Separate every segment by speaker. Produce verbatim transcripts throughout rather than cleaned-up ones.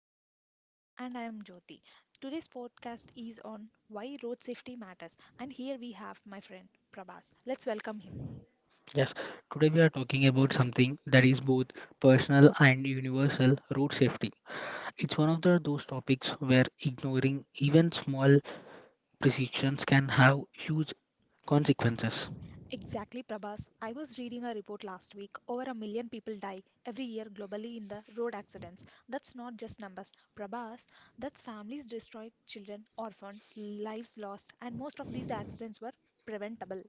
Speaker 1: and Safe Lives, and I am Jyoti. Today's podcast is on why road safety matters, and here we have my friend Prabhas. Let's welcome him.
Speaker 2: Yes, today we are talking about something that is both personal and universal road safety. It's one of the, those topics where ignoring even small precisions can have huge consequences.
Speaker 1: Exactly, Prabhas. I was reading a report last week. Over a million people die every year globally in the road accidents. That's not just numbers, Prabhas. That's families destroyed, children orphaned, lives lost, and most of these accidents were preventable.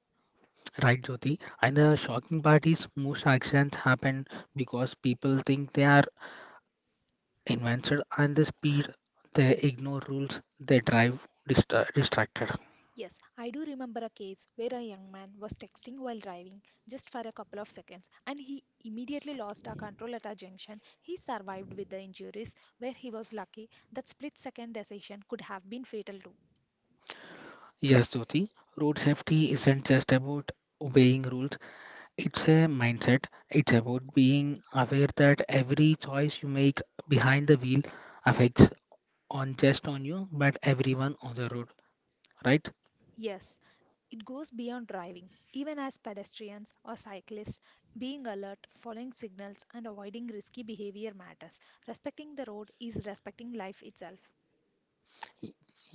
Speaker 2: Right, Jyoti? And the shocking part is most accidents happen because people think they are invented and the speed they ignore rules they drive distra- distracted.
Speaker 1: Yes, I do remember a case where a young man was texting while driving just for a couple of seconds and he immediately lost our control at a junction. He survived with the injuries where he was lucky that split second decision could have been fatal too.
Speaker 2: Yes, Jyoti, road safety isn't just about obeying rules. It's a mindset. It's about being aware that every choice you make behind the wheel affects on just on you, but everyone on the road, right?
Speaker 1: Yes, it goes beyond driving. Even as pedestrians or cyclists, being alert, following signals, and avoiding risky behavior matters. Respecting the road is respecting life itself.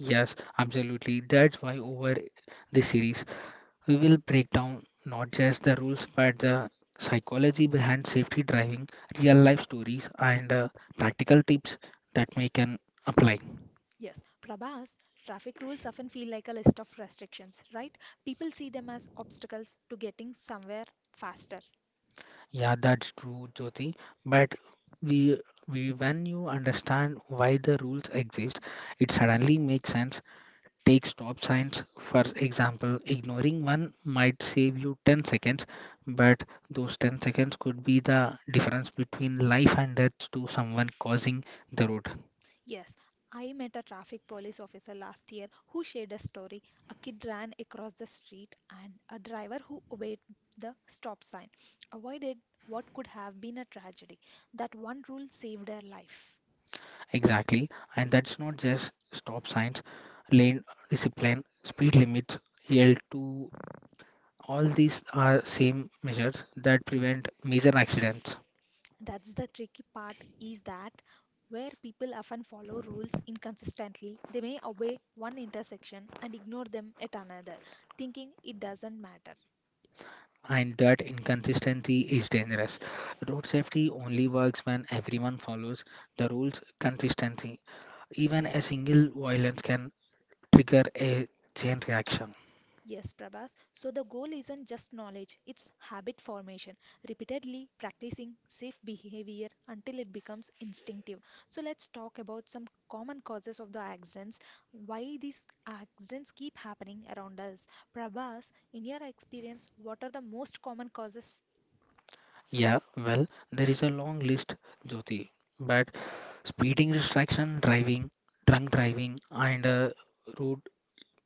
Speaker 2: Yes, absolutely. That's why over this series we will break down not just the rules but the psychology behind safety driving, real life stories, and uh, practical tips that we can apply.
Speaker 1: Yes, Prabhas, traffic rules often feel like a list of restrictions, right? People see them as obstacles to getting somewhere faster.
Speaker 2: Yeah, that's true, Jyoti. But we, we, when you understand why the rules exist, it suddenly makes sense. Take stop signs, for example. Ignoring one might save you ten seconds, but those ten seconds could be the difference between life and death to someone crossing the road.
Speaker 1: Yes, I met a traffic police officer last year who shared a story. A kid ran across the street and a driver who obeyed the stop sign avoided what could have been a tragedy. That one rule saved her life.
Speaker 2: Exactly. And that's not just stop signs, lane discipline, speed limits, L two all these are same measures that prevent major accidents,
Speaker 1: That's the tricky part is that where people often follow rules inconsistently, they may obey one intersection and ignore them at another, thinking it doesn't matter.
Speaker 2: and that inconsistency is dangerous. Road safety only works when everyone follows the rules consistently. Even a single violence can trigger a chain reaction.
Speaker 1: Yes, Prabhas. So the goal isn't just knowledge, it's habit formation, repeatedly practicing safe behavior until it becomes instinctive. So let's talk about some common causes of the accidents, why these accidents keep happening around us. Prabhas, in your experience, what are the most common causes?
Speaker 2: Yeah, well, there is a long list, Jyoti, but speeding, distraction driving, drunk driving, and uh, road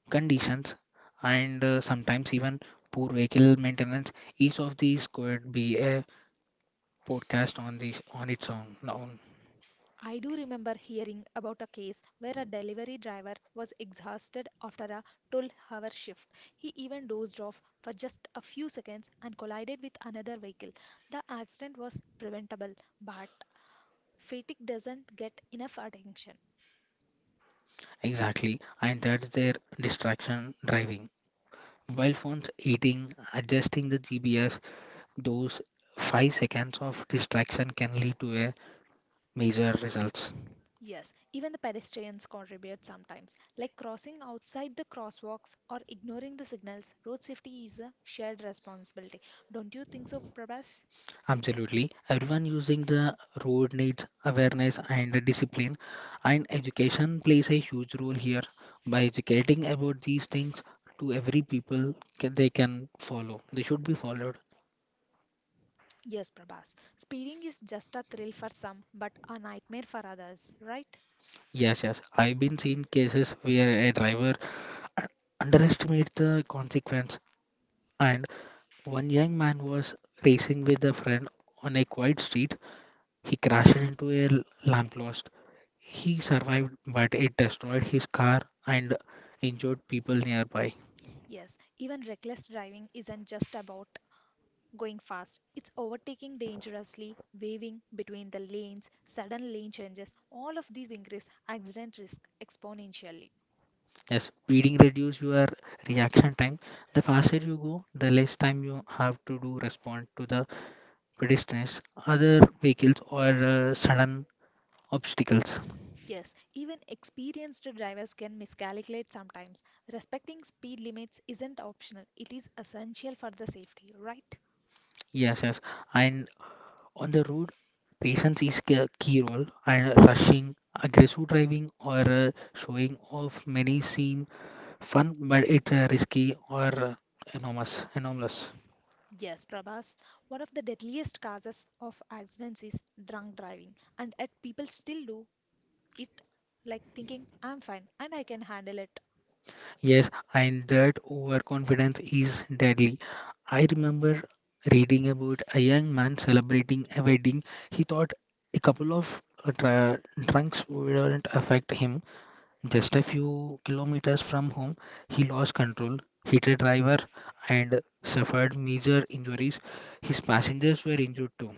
Speaker 2: conditions, and uh, sometimes even poor vehicle maintenance. Each of these could be a podcast on this on its own. own.
Speaker 1: I do remember hearing about a case where a delivery driver was exhausted after a twelve hour shift. He even dozed off for just a few seconds and collided with another vehicle. The accident was preventable, but fatigue doesn't get enough attention.
Speaker 2: Exactly, and that's their distraction driving. While phones eating, adjusting the G P S, those five seconds of distraction can lead to a major results.
Speaker 1: Yes, even the pedestrians contribute sometimes, like crossing outside the crosswalks or ignoring the signals. Road safety is a shared responsibility. Don't you think so, Prabhas?
Speaker 2: Absolutely. Everyone using the road needs awareness and discipline, and education plays a huge role here. By educating about these things to every people, ca- they can follow. They should be followed.
Speaker 1: Yes, Prabhas. Speeding is just a thrill for some, but a nightmare for others, right?
Speaker 2: Yes, yes. I've been seen cases where a driver uh, underestimated the consequence, and one young man was racing with a friend on a quiet street. He crashed into a l- lamppost. He survived, but it destroyed his car and injured people nearby.
Speaker 1: Yes, even reckless driving isn't just about going fast. It's overtaking dangerously, waving between the lanes, sudden lane changes. All of these increase accident risk exponentially.
Speaker 2: Yes, speeding reduces your reaction time. The faster you go, the less time you have to do respond to the pedestrians, other vehicles, or uh, sudden obstacles.
Speaker 1: Yes, even experienced drivers can miscalculate sometimes. Respecting speed limits isn't optional, it is essential for the safety, right?
Speaker 2: Yes, yes. And on the road, patience is a key role, and rushing, aggressive driving, or uh, showing off many seem fun, but it's uh, risky or uh, enormous, enormous.
Speaker 1: Yes, Prabhas, one of the deadliest causes of accidents is drunk driving, and yet people still do it like thinking, I'm fine and I can handle it.
Speaker 2: Yes, and that overconfidence is deadly. I remember reading about a young man celebrating a wedding. He thought a couple of uh, dr- drinks wouldn't affect him. Just a few kilometers from home, he lost control, hit a driver, and suffered major injuries. His passengers were injured too.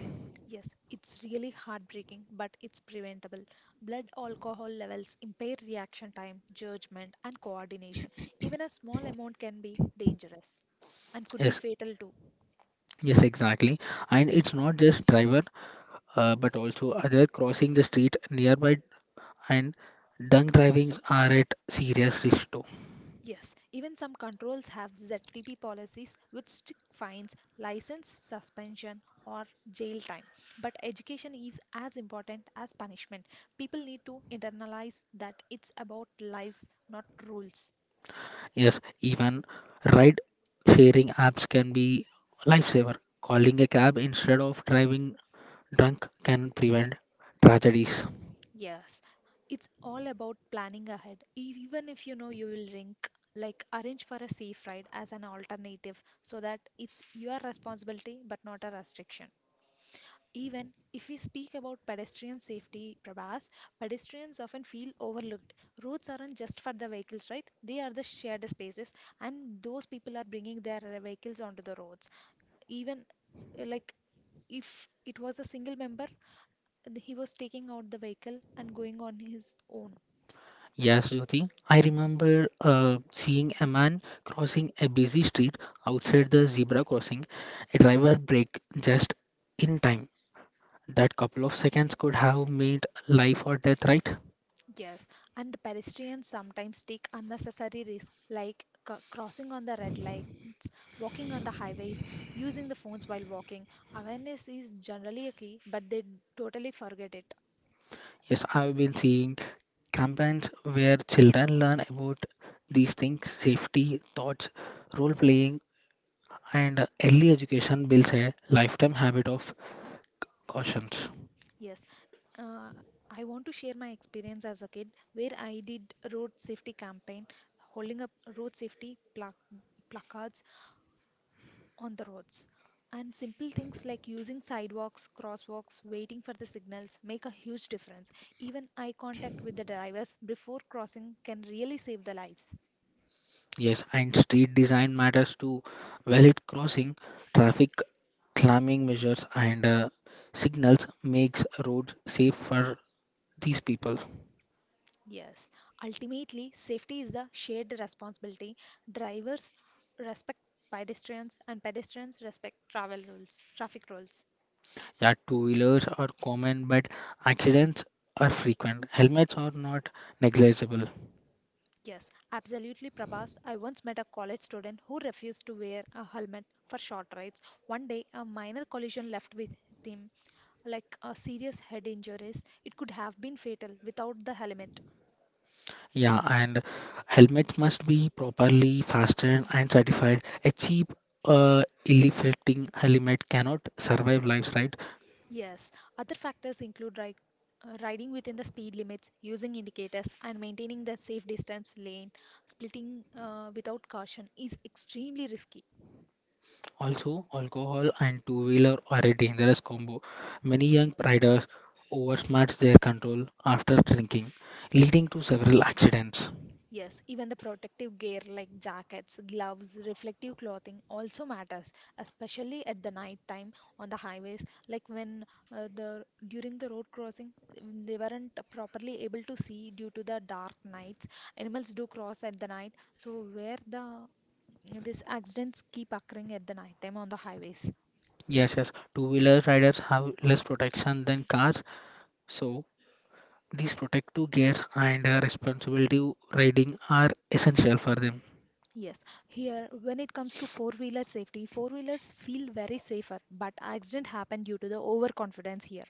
Speaker 1: Yes, it's really heartbreaking, but it's preventable. Blood alcohol levels impair reaction time, judgment, and coordination. Even a small amount can be dangerous and could be
Speaker 2: Yes,
Speaker 1: fatal too.
Speaker 2: yes, exactly. And it's not just driver, uh, but also other crossing the street nearby and drunk drivings are at serious risk too.
Speaker 1: Yes, even some controls have Z T P policies with strict fines, license suspension, or jail time. But education is as important as punishment. People need to internalize that it's about lives, not rules.
Speaker 2: Yes, even ride sharing apps can be lifesaver. Calling a cab instead of driving drunk can prevent tragedies.
Speaker 1: Yes, it's all about planning ahead. E- Even if you know you will drink, like arrange for a safe ride as an alternative so that it's your responsibility but not a restriction. Even if we speak about pedestrian safety, Prabhas, pedestrians often feel overlooked. Roads aren't just for the vehicles, right? They are the shared spaces, and those people are bringing their uh, vehicles onto the roads. Even uh, like if it was a single member, th- he was taking out the vehicle and going on his own.
Speaker 2: Yes, Jyoti. I remember uh, seeing a man crossing a busy street outside the zebra crossing. A driver brake just in time. That couple of seconds could have made life or death, right?
Speaker 1: Yes, and the pedestrians sometimes take unnecessary risks like c- crossing on the red lights, walking on the highways, using the phones while walking. Awareness is generally a key, but they totally forget it.
Speaker 2: Yes, I've been seeing campaigns where children learn about these things, safety, thoughts, role playing, and early education builds a lifetime habit of caution.
Speaker 1: Yes, uh, I want to share my experience as a kid where I did road safety campaign, holding up road safety plac- placards on the roads. And simple things like using sidewalks, crosswalks, waiting for the signals make a huge difference. Even eye contact with the drivers before crossing can really save the lives.
Speaker 2: Yes, and street design matters too. Valid crossing, traffic calming measures, and uh, signals makes roads safe for these people.
Speaker 1: Yes, ultimately, safety is the shared responsibility. Drivers respect pedestrians, and pedestrians respect travel rules, traffic rules.
Speaker 2: Yeah, two-wheelers are common, but accidents are frequent. Helmets are not negligible.
Speaker 1: Yes, absolutely, Prabhas. I once met a college student who refused to wear a helmet for short rides. One day, a minor collision left with him like uh, serious head injuries, it could have been fatal without the helmet.
Speaker 2: Yeah, and helmets must be properly fastened and certified. A cheap, uh, ill-fitting helmet cannot survive lives, right?
Speaker 1: Yes, other factors include ri- uh, riding within the speed limits, using indicators, and maintaining the safe distance lane. Splitting uh, without caution is extremely risky.
Speaker 2: Also, alcohol and two-wheeler are a dangerous combo. Many young riders oversmart their control after drinking, leading to several accidents.
Speaker 1: Yes, even the protective gear like jackets, gloves, reflective clothing also matters, especially at the night time on the highways. Like when uh, the during the road crossing, mm, they weren't properly able to see due to the dark nights. Animals do cross at the night, so where the these accidents keep occurring at the night time on the highways.
Speaker 2: Yes, yes, two-wheeler riders have less protection than cars, so these protective gears and uh, responsible riding are essential for them.
Speaker 1: Yes, here when it comes to four-wheeler safety, four-wheelers feel very safer, but accident happen due to the overconfidence here.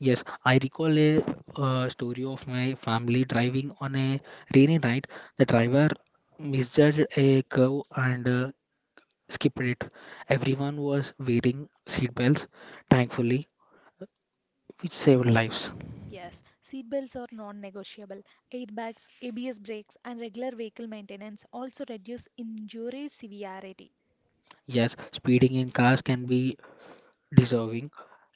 Speaker 2: Yes, I recall a uh, story of my family driving on a rainy night. The driver misjudged a curve and uh, skipped it. Everyone was wearing seatbelts, thankfully, which saved lives.
Speaker 1: Yes, seatbelts are non-negotiable. Airbags, A B S brakes, and regular vehicle maintenance also reduce injury severity.
Speaker 2: Yes, speeding in cars can be deserving.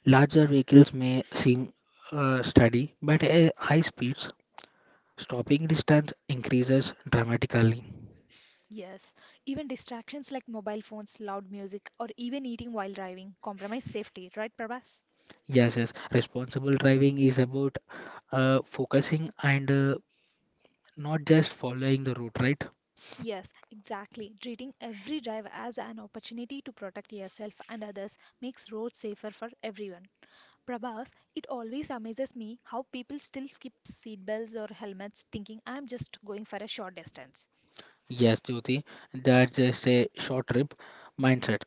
Speaker 2: Larger vehicles may seem uh, steady, but at high speeds, stopping distance increases dramatically.
Speaker 1: Yes, even distractions like mobile phones, loud music, or even eating while driving compromise safety, right, Prabhas?
Speaker 2: Yes, yes, responsible driving is about uh, focusing and uh, not just following the route, right?
Speaker 1: Yes, exactly. Treating every drive as an opportunity to protect yourself and others makes roads safer for everyone. Prabhas, it always amazes me how people still skip seatbelts or helmets thinking I'm just going for a short distance.
Speaker 2: Yes, Jyoti, that's just a short trip mindset.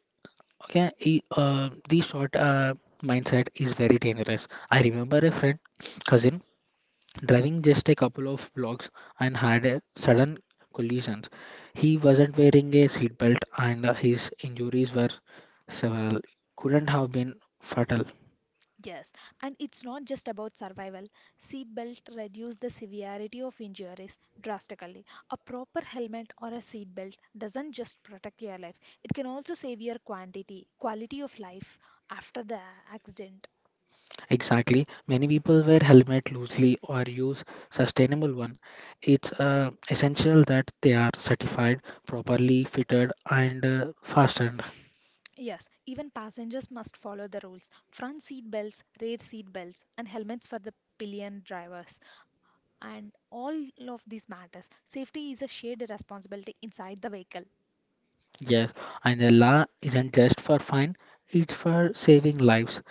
Speaker 2: Okay, e- uh, the short uh, mindset is very dangerous. I remember a friend, cousin, driving just a couple of blocks and had a sudden collisions. He wasn't wearing a seatbelt and uh, his injuries were several. Couldn't have been fatal.
Speaker 1: Yes, and it's not just about survival. Seatbelt reduce the severity of injuries drastically. A proper helmet or a seatbelt doesn't just protect your life; it can also save your quantity, quality of life after the accident.
Speaker 2: Exactly. Many people wear helmet loosely or use sustainable one. It's uh, essential that they are certified, properly fitted, and uh, fastened.
Speaker 1: Yes, even passengers must follow the rules. Front seat belts, rear seat belts, and helmets for the pillion drivers. And all of these matters. Safety is a shared responsibility inside the vehicle.
Speaker 2: Yes, and the law isn't just for fun, it's for saving lives.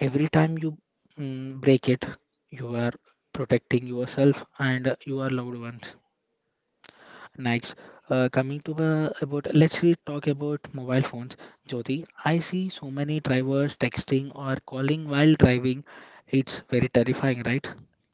Speaker 2: Every time you mm, break it, you are protecting yourself and your loved ones. Next, uh, coming to the about let's we talk about mobile phones. Jyoti, I see so many drivers texting or calling while driving. It's very terrifying, right?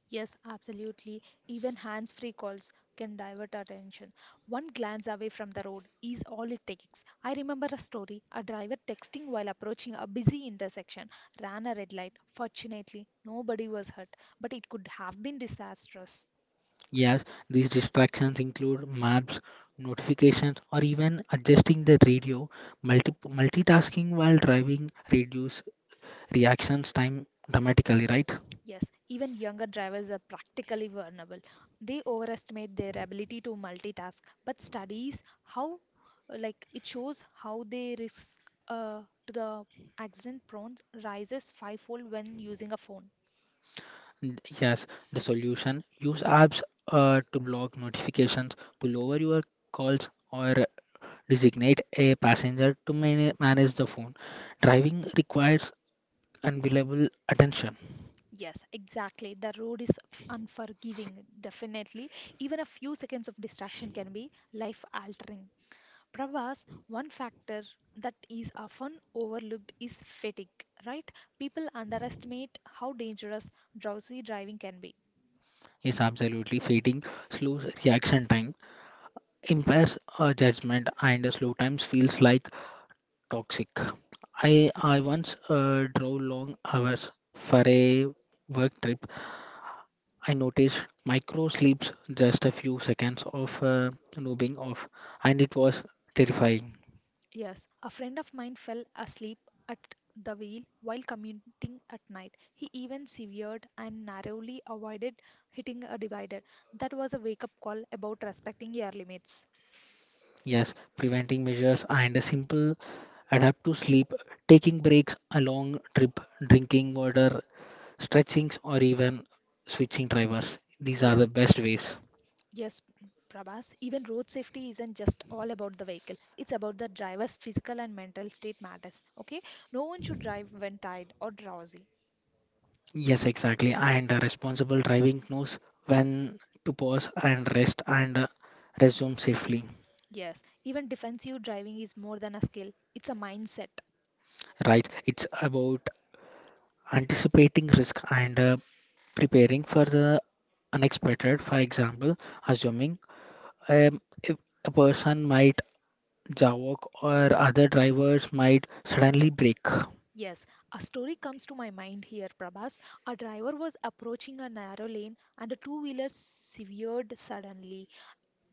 Speaker 1: Yes, absolutely. Even hands free calls can divert our attention. One glance away from the road is all it takes. I remember a story a driver texting while approaching a busy intersection, ran a red light. Fortunately, nobody was hurt, but it could have been disastrous.
Speaker 2: Yes, these distractions include maps, notifications, or even adjusting the radio. Multi- multitasking while driving reduce reactions time dramatically, right?
Speaker 1: Yes, even younger drivers are practically vulnerable. They overestimate their ability to multitask, but studies how, like, it shows how they risk uh, to the accident prone rises fivefold when using a phone.
Speaker 2: N- Yes, the solution use apps uh, to block notifications, pull over your calls, or designate a passenger to man- manage the phone. Driving requires unavailable attention.
Speaker 1: Yes, exactly. The road is f- unforgiving, definitely. Even a few seconds of distraction can be life altering. Pravas, one factor that is often overlooked is fatigue, right? People underestimate how dangerous drowsy driving can be.
Speaker 2: Is absolutely fading slows reaction time. Impairs uh, judgment and sometimes feels like toxic. I, I once uh, drove long hours for a work trip. I noticed micro sleeps just a few seconds of uh, noobing off, and it was terrifying.
Speaker 1: Yes, a friend of mine fell asleep at the wheel while commuting at night. He even severed and narrowly avoided hitting a divider. That was a wake up call about respecting your limits.
Speaker 2: Yes, preventing measures and a simple adapt to sleep, taking breaks, a long trip, drinking water, stretchings, or even switching drivers. These are the
Speaker 1: Yes,
Speaker 2: best ways.
Speaker 1: yes, Prabhas, even road safety isn't just all about the vehicle. It's about the driver's physical and mental state matters. Okay? No one should drive when tired or drowsy.
Speaker 2: Yes, exactly. And uh, responsible driving knows when to pause and rest and uh, resume safely.
Speaker 1: Yes, even defensive driving is more than a skill, it's a mindset.
Speaker 2: Right. It's about anticipating risk and uh, preparing for the unexpected. For example, assuming um, if a person might jaywalk or other drivers might suddenly brake.
Speaker 1: Yes, a story comes to my mind here, Prabhas. A driver was approaching a narrow lane and a two wheeler severed suddenly.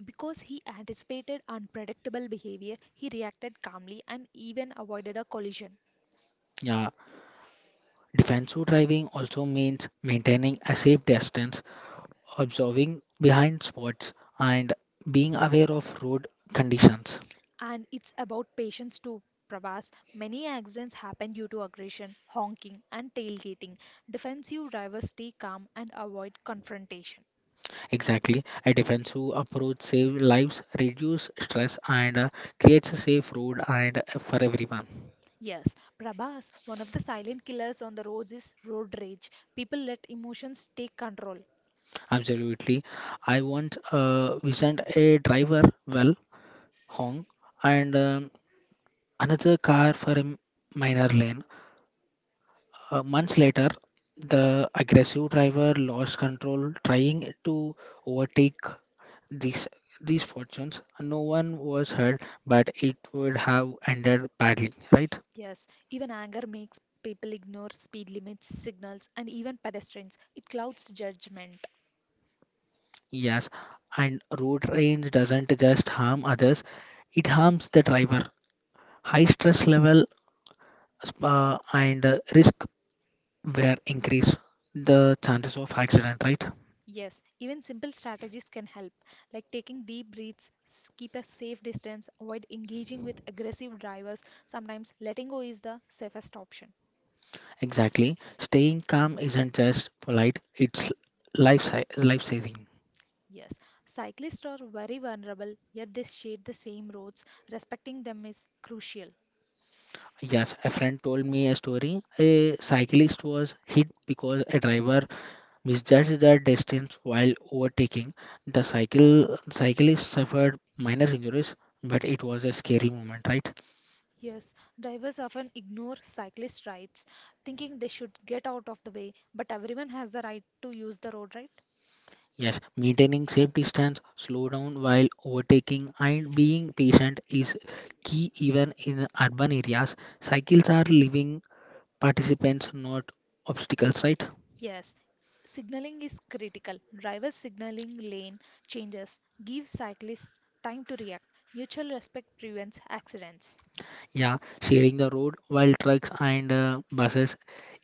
Speaker 1: Because he anticipated unpredictable behavior, he reacted calmly and even avoided a collision.
Speaker 2: Yeah. Defensive driving also means maintaining a safe distance, observing behind spots, and being aware of road conditions.
Speaker 1: And it's about patience too, Pravas. Many accidents happen due to aggression, honking, and tailgating. Defensive drivers stay calm and avoid confrontation.
Speaker 2: Exactly, a defensive approach saves lives, reduce stress, and uh, creates a safe road and uh, for everyone.
Speaker 1: Yes, Prabhas, one of the silent killers on the roads is road rage. People let emotions take control.
Speaker 2: Absolutely. I want uh, we a driver well hong and um, another car for a minor lane. Uh, months later, the aggressive driver lost control trying to overtake these these fortunes. No one was hurt, but it would have ended badly, right?
Speaker 1: Yes, even anger makes people ignore speed limits, signals, and even pedestrians. It clouds judgment.
Speaker 2: Yes, and road rage doesn't just harm others; it harms the driver. High stress level uh, and uh, risk were increase the chances of accident, right?
Speaker 1: Yes, even simple strategies can help, like taking deep breaths, s- keep a safe distance, avoid engaging with aggressive drivers. Sometimes letting go is the safest option.
Speaker 2: Exactly. Staying calm isn't just polite; it's life life saving.
Speaker 1: Yes, cyclists are very vulnerable, yet they share the same roads. Respecting them is crucial.
Speaker 2: Yes, a friend told me a story. A cyclist was hit because a driver misjudged the distance while overtaking. The cycle cyclist suffered minor injuries, but it was a scary moment, right?
Speaker 1: Yes, drivers often ignore cyclist rights, thinking they should get out of the way, but everyone has the right to use the road, right?
Speaker 2: Yes, maintaining safe distance, slow down while overtaking, and being patient is key even in urban areas. Cycles are living participants, not obstacles, right?
Speaker 1: Yes, signaling is critical. Drivers signaling lane changes give cyclists time to react. Mutual respect prevents accidents.
Speaker 2: Yeah, sharing the road while trucks and uh, buses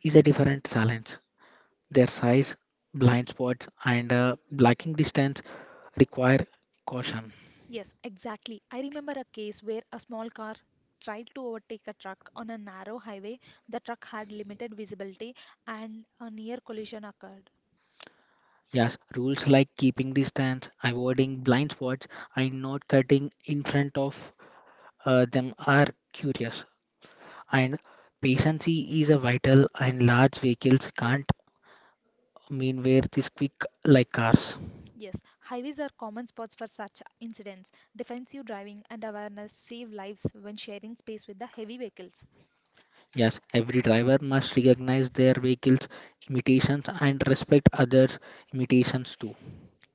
Speaker 2: is a different challenge. Their size, blind spots, and uh, blocking distance require caution.
Speaker 1: Yes, exactly. I remember a case where a small car tried to overtake a truck on a narrow highway. The truck had limited visibility and a near collision occurred.
Speaker 2: Yes, rules like keeping distance, avoiding blind spots, and not cutting in front of uh, them are curious. And patience is a vital, and large vehicles can't mean where this quick like cars.
Speaker 1: Yes, highways are common spots for such incidents. Defensive driving and awareness save lives when sharing space with the heavy vehicles.
Speaker 2: Yes, every driver must recognize their vehicle's limitations and respect others' limitations too.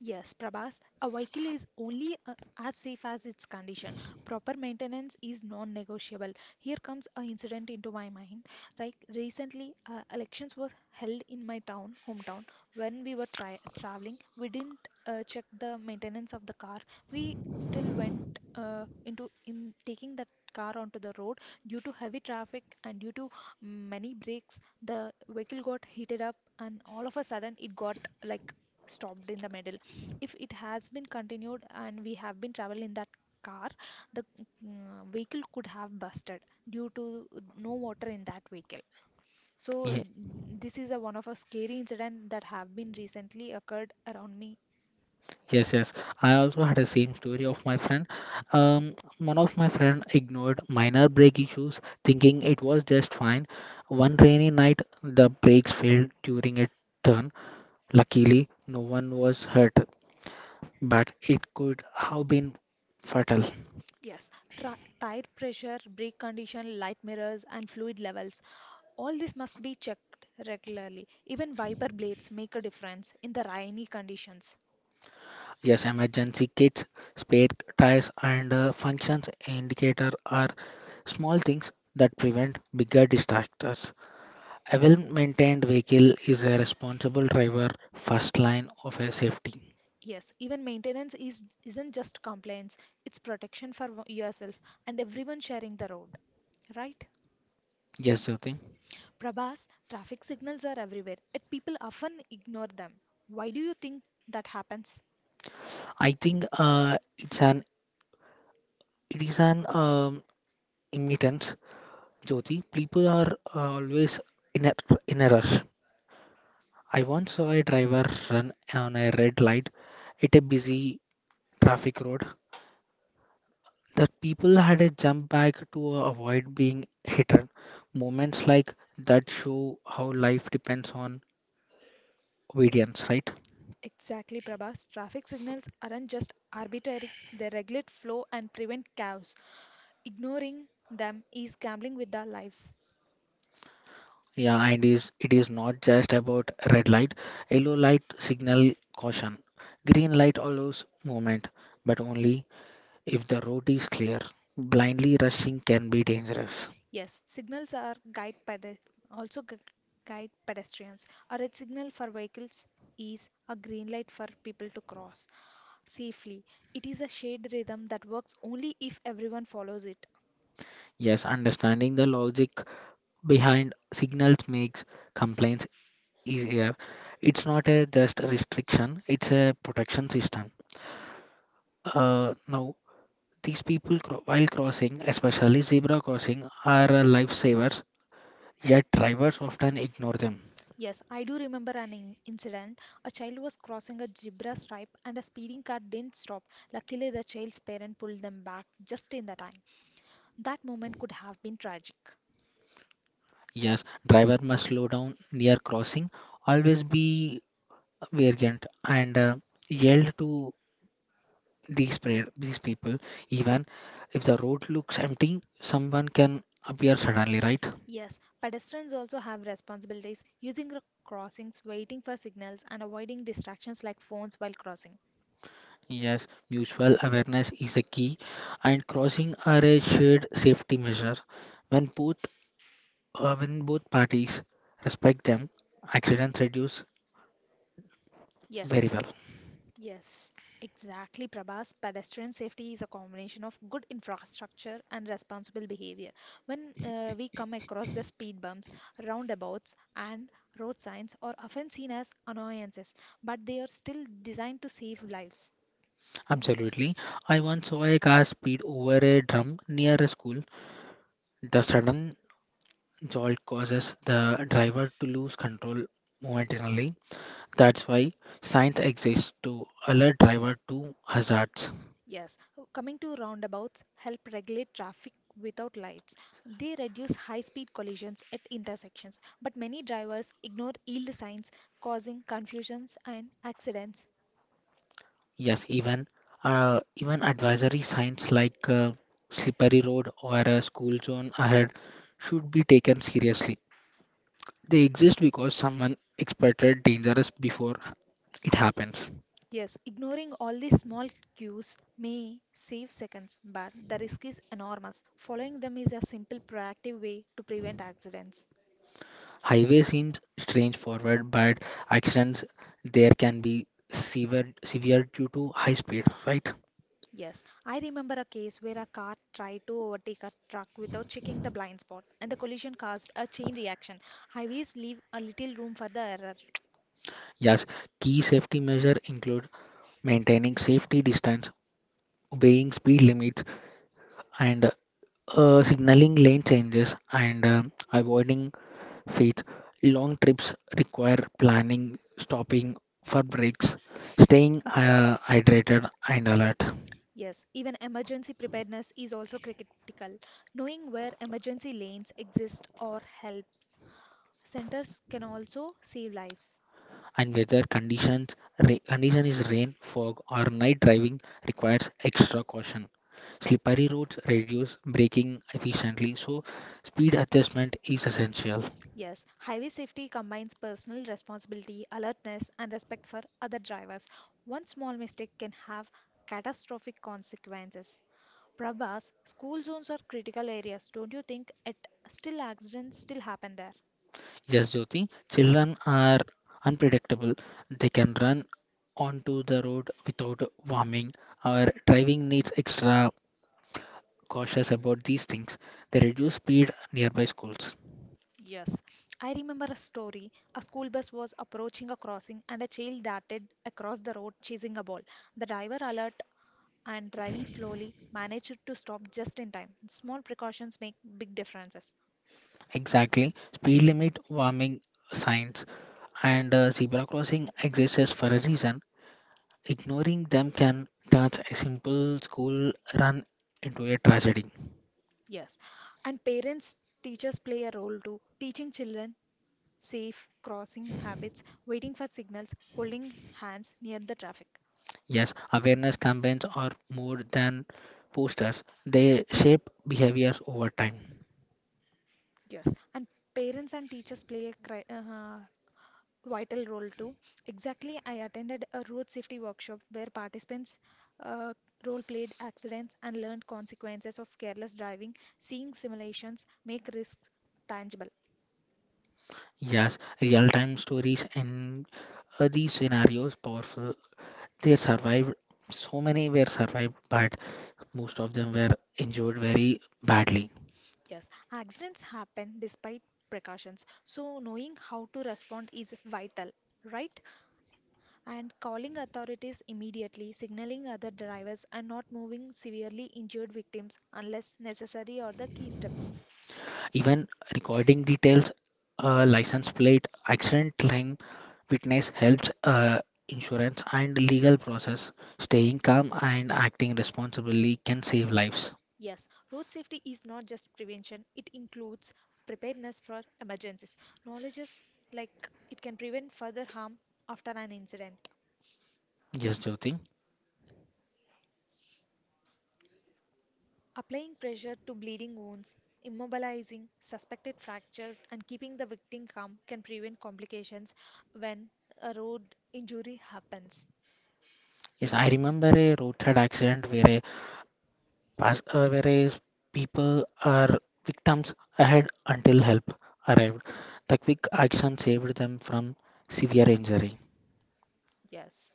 Speaker 1: Yes, Prabhas, a vehicle is only uh, as safe as its condition. Proper maintenance is non-negotiable. Here comes an incident into my mind. Like recently, uh, elections were held in my town, hometown. When we were tra traveling, we didn't uh, check the maintenance of the car. We still went uh, into in taking that car onto the road due to heavy traffic and due to many breaks. The vehicle got heated up, and all of a sudden, it got like stopped in the middle. If it has been continued and we have been traveling in that car, the mm, vehicle could have busted due to no water in that vehicle. So
Speaker 2: Ye-
Speaker 1: mm, this is a one of a scary incident that have been recently occurred around me.
Speaker 2: Yes, yes. I also had a same story of my friend. Um, one of my friend ignored minor brake issues, thinking it was just fine. One rainy night, the brakes failed during a turn. Luckily, no one was hurt, but it could have been fatal.
Speaker 1: Yes, tra- tire pressure, brake condition, light, mirrors and fluid levels, all this must be checked regularly. Even wiper blades make a difference in the rainy conditions.
Speaker 2: Yes, emergency kits, spare tires, and uh, functions indicator are small things that prevent bigger disasters. A well maintained vehicle is a responsible driver first line of a safety.
Speaker 1: Yes, even maintenance is isn't just compliance, it's protection for w- yourself and everyone sharing the road. Right?
Speaker 2: Yes, Jyoti.
Speaker 1: Prabhas, traffic signals are everywhere, yet people often ignore them. Why do you think that happens?
Speaker 2: I think uh, it's an it is an um, imminence, Jyoti. People are uh, always in a in a rush. I once saw a driver run on a red light at a busy traffic road. The people had a jump back to avoid being hidden. Moments like that show how life depends on obedience, right?
Speaker 1: Exactly, Prabhas. Traffic signals aren't just arbitrary, they regulate flow and prevent chaos. Ignoring them is gambling with our lives.
Speaker 2: Yeah, and is it is not just about red light. Yellow light signal caution. Green light allows movement, but only if the road is clear. Blindly rushing can be dangerous.
Speaker 1: Yes, signals are guide pede- also gu- guide pedestrians. A red signal for vehicles is a green light for people to cross safely. It is a shade rhythm that works only if everyone follows it.
Speaker 2: Yes, understanding the logic behind signals makes complaints easier. It's not a just a restriction, it's a protection system. Uh, now, these people cro- while crossing, especially zebra crossing, are uh, lifesavers, yet drivers often ignore them.
Speaker 1: Yes, I do remember an in- incident. A child was crossing a zebra stripe and a speeding car didn't stop. Luckily, the child's parent pulled them back just in the time. That moment could have been tragic.
Speaker 2: Yes, driver must slow down near crossing, always be vigilant and uh, yell to these pre- these people even if the road looks empty, someone can appear suddenly, right?
Speaker 1: Yes, pedestrians also have responsibilities using the crossings, waiting for signals, and avoiding distractions like phones while crossing.
Speaker 2: Yes, mutual awareness is a key, and crossing are a shared safety measure when both uh, when both parties respect them, accidents reduce
Speaker 1: Yes,
Speaker 2: very well.
Speaker 1: yes, exactly, Prabhas. Pedestrian safety is a combination of good infrastructure and responsible behavior. When uh, we come across the speed bumps, roundabouts, and road signs are often seen as annoyances, but they are still designed to save lives.
Speaker 2: Absolutely, I once saw a car speed over a drum near a school. The sudden jolt causes the driver to lose control momentarily. That's why signs exist to alert driver to hazards.
Speaker 1: Yes, uh, coming to roundabouts help regulate traffic without lights. They reduce high-speed collisions at intersections, but many drivers ignore yield signs, causing confusions and accidents.
Speaker 2: Yes, even uh, even advisory signs like uh, slippery road or a school zone ahead should be taken seriously. They exist because someone expected dangerous before it happens.
Speaker 1: Yes, ignoring all these small cues may save seconds, but the risk is enormous. Following them is a simple proactive way to prevent accidents.
Speaker 2: Highway seems strange forward, but accidents there can be severe severe due to high speed, right?
Speaker 1: Yes, I remember a case where a car tried to overtake a truck without checking the blind spot, and the collision caused a chain reaction. Highways leave a little room for the error.
Speaker 2: Yes, key safety measure include maintaining safety distance, obeying speed limits, and uh, signaling lane changes, and uh, avoiding faith. Long trips require planning, stopping for breaks, staying uh, hydrated and alert.
Speaker 1: Yes, even emergency preparedness is also critical. Knowing where emergency lanes exist or help centers can also save lives.
Speaker 2: And weather conditions, ra- condition is rain, fog, or night driving requires extra caution. Slippery roads reduce braking efficiently, so speed adjustment is essential.
Speaker 1: Yes, highway safety combines personal responsibility, alertness, and respect for other drivers. One small mistake can have catastrophic consequences. Prabhas, school zones are critical areas. Don't you think it still accidents still happen there?
Speaker 2: Yes, Jyoti, children are unpredictable. They can run onto the road without warming. Our driving needs extra cautious about these things. They reduce speed nearby schools.
Speaker 1: Yes, I remember a story. A school bus was approaching a crossing and a child darted across the road chasing a ball. The driver, alert and driving slowly, managed to stop just in time. Small precautions make big differences.
Speaker 2: Exactly. Speed limit, warming signs, and uh, zebra crossing exists for a reason. Ignoring them can turn a simple school run into a tragedy.
Speaker 1: Yes, and parents, teachers play a role too, teaching children safe crossing habits, waiting for signals, holding hands near the traffic.
Speaker 2: Yes, awareness campaigns are more than posters. They shape behaviors over time.
Speaker 1: Yes, and parents and teachers play a cri- uh, vital role too. Exactly, I attended a road safety workshop where participants uh, role played accidents and learned consequences of careless driving. Seeing simulations make risks tangible.
Speaker 2: Yes, real-time stories in uh, these scenarios powerful. They survived. So many were survived, but most of them were injured very badly.
Speaker 1: Yes, accidents happen despite precautions, so knowing how to respond is vital, right? And calling authorities immediately, signaling other drivers, and not moving severely injured victims unless necessary are the key steps.
Speaker 2: Even recording details, uh, license plate, accident claim, witness helps uh, insurance and legal process. Staying calm and acting responsibly can save lives.
Speaker 1: Yes, road safety is not just prevention, it includes preparedness for emergencies. Knowledge is like it can prevent further harm after an incident.
Speaker 2: Yes, Jyoti.
Speaker 1: Applying pressure to bleeding wounds, immobilizing suspected fractures, and keeping the victim calm can prevent complications when a road injury happens.
Speaker 2: Yes, I remember a roadside accident where a pas- uh, where a s- people are victims ahead until help arrived. The quick action saved them from severe injury.
Speaker 1: Yes.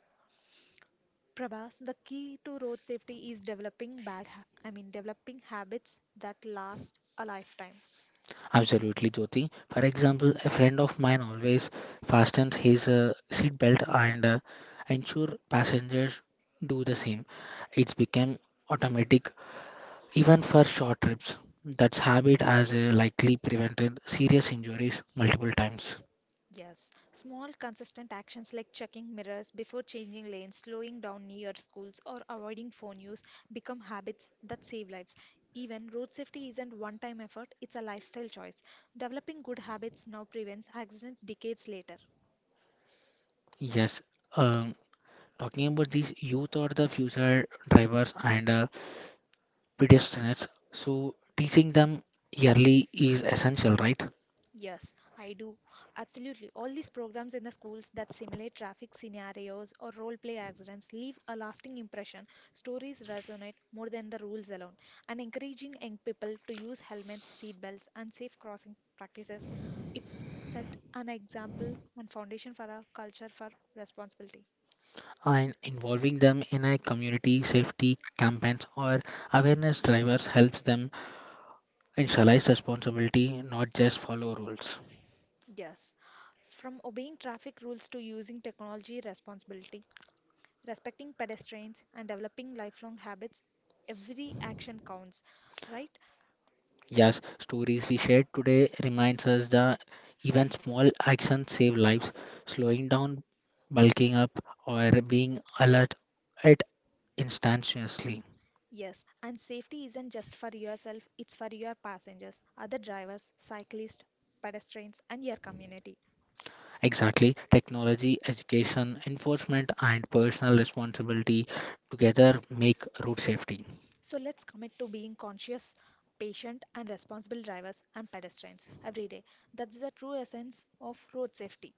Speaker 1: Prabhas, the key to road safety is developing bad ha- I mean developing habits that last a lifetime.
Speaker 2: Absolutely, Jyoti. For example, a friend of mine always fastens his uh, seat belt and uh, ensure passengers do the same. It's become automatic even for short trips. That habit has uh, likely prevented serious injuries multiple times.
Speaker 1: Yes, small consistent actions like checking mirrors before changing lanes, slowing down near schools, or avoiding phone use become habits that save lives. Even road safety isn't one time effort, it's a lifestyle choice. Developing good habits now prevents accidents decades later.
Speaker 2: Yes, um, talking about these youth or the future drivers and uh, pedestrians, so teaching them yearly is essential, right?
Speaker 1: Yes, I do. Absolutely. All these programs in the schools that simulate traffic scenarios or role play accidents leave a lasting impression. Stories resonate more than the rules alone. And encouraging young people to use helmets, seat belts, and safe crossing practices, it set an example and foundation for a culture for responsibility.
Speaker 2: And involving them in a community safety campaigns or awareness drivers helps them internalize responsibility, not just follow rules.
Speaker 1: Yes, from obeying traffic rules to using technology responsibility, respecting pedestrians and developing lifelong habits, every action counts, right?
Speaker 2: Yes, stories we shared today reminds us that even small actions save lives. Slowing down, bulking up, or being alert at instantaneously.
Speaker 1: Yes, and safety isn't just for yourself, it's for your passengers, other drivers, cyclists, pedestrians and your community.
Speaker 2: Exactly, technology, education, enforcement, and personal responsibility together make road safety.
Speaker 1: So let's commit to being conscious, patient and responsible drivers and pedestrians every day. That's the true essence of road safety.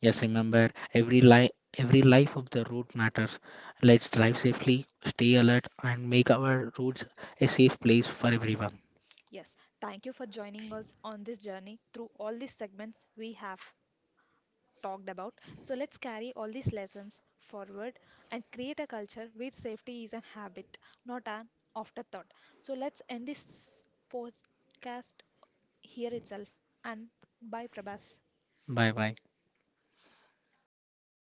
Speaker 2: Yes, remember every life, every life of the road matters. Let's drive safely, stay alert, and make our roads a safe place for everyone.
Speaker 1: Yes, thank you for joining us on this journey through all these segments we have talked about. So let's carry all these lessons forward and create a culture where safety is a habit, not an afterthought. So let's end this podcast here itself. And bye, Prabhas.
Speaker 2: Bye bye.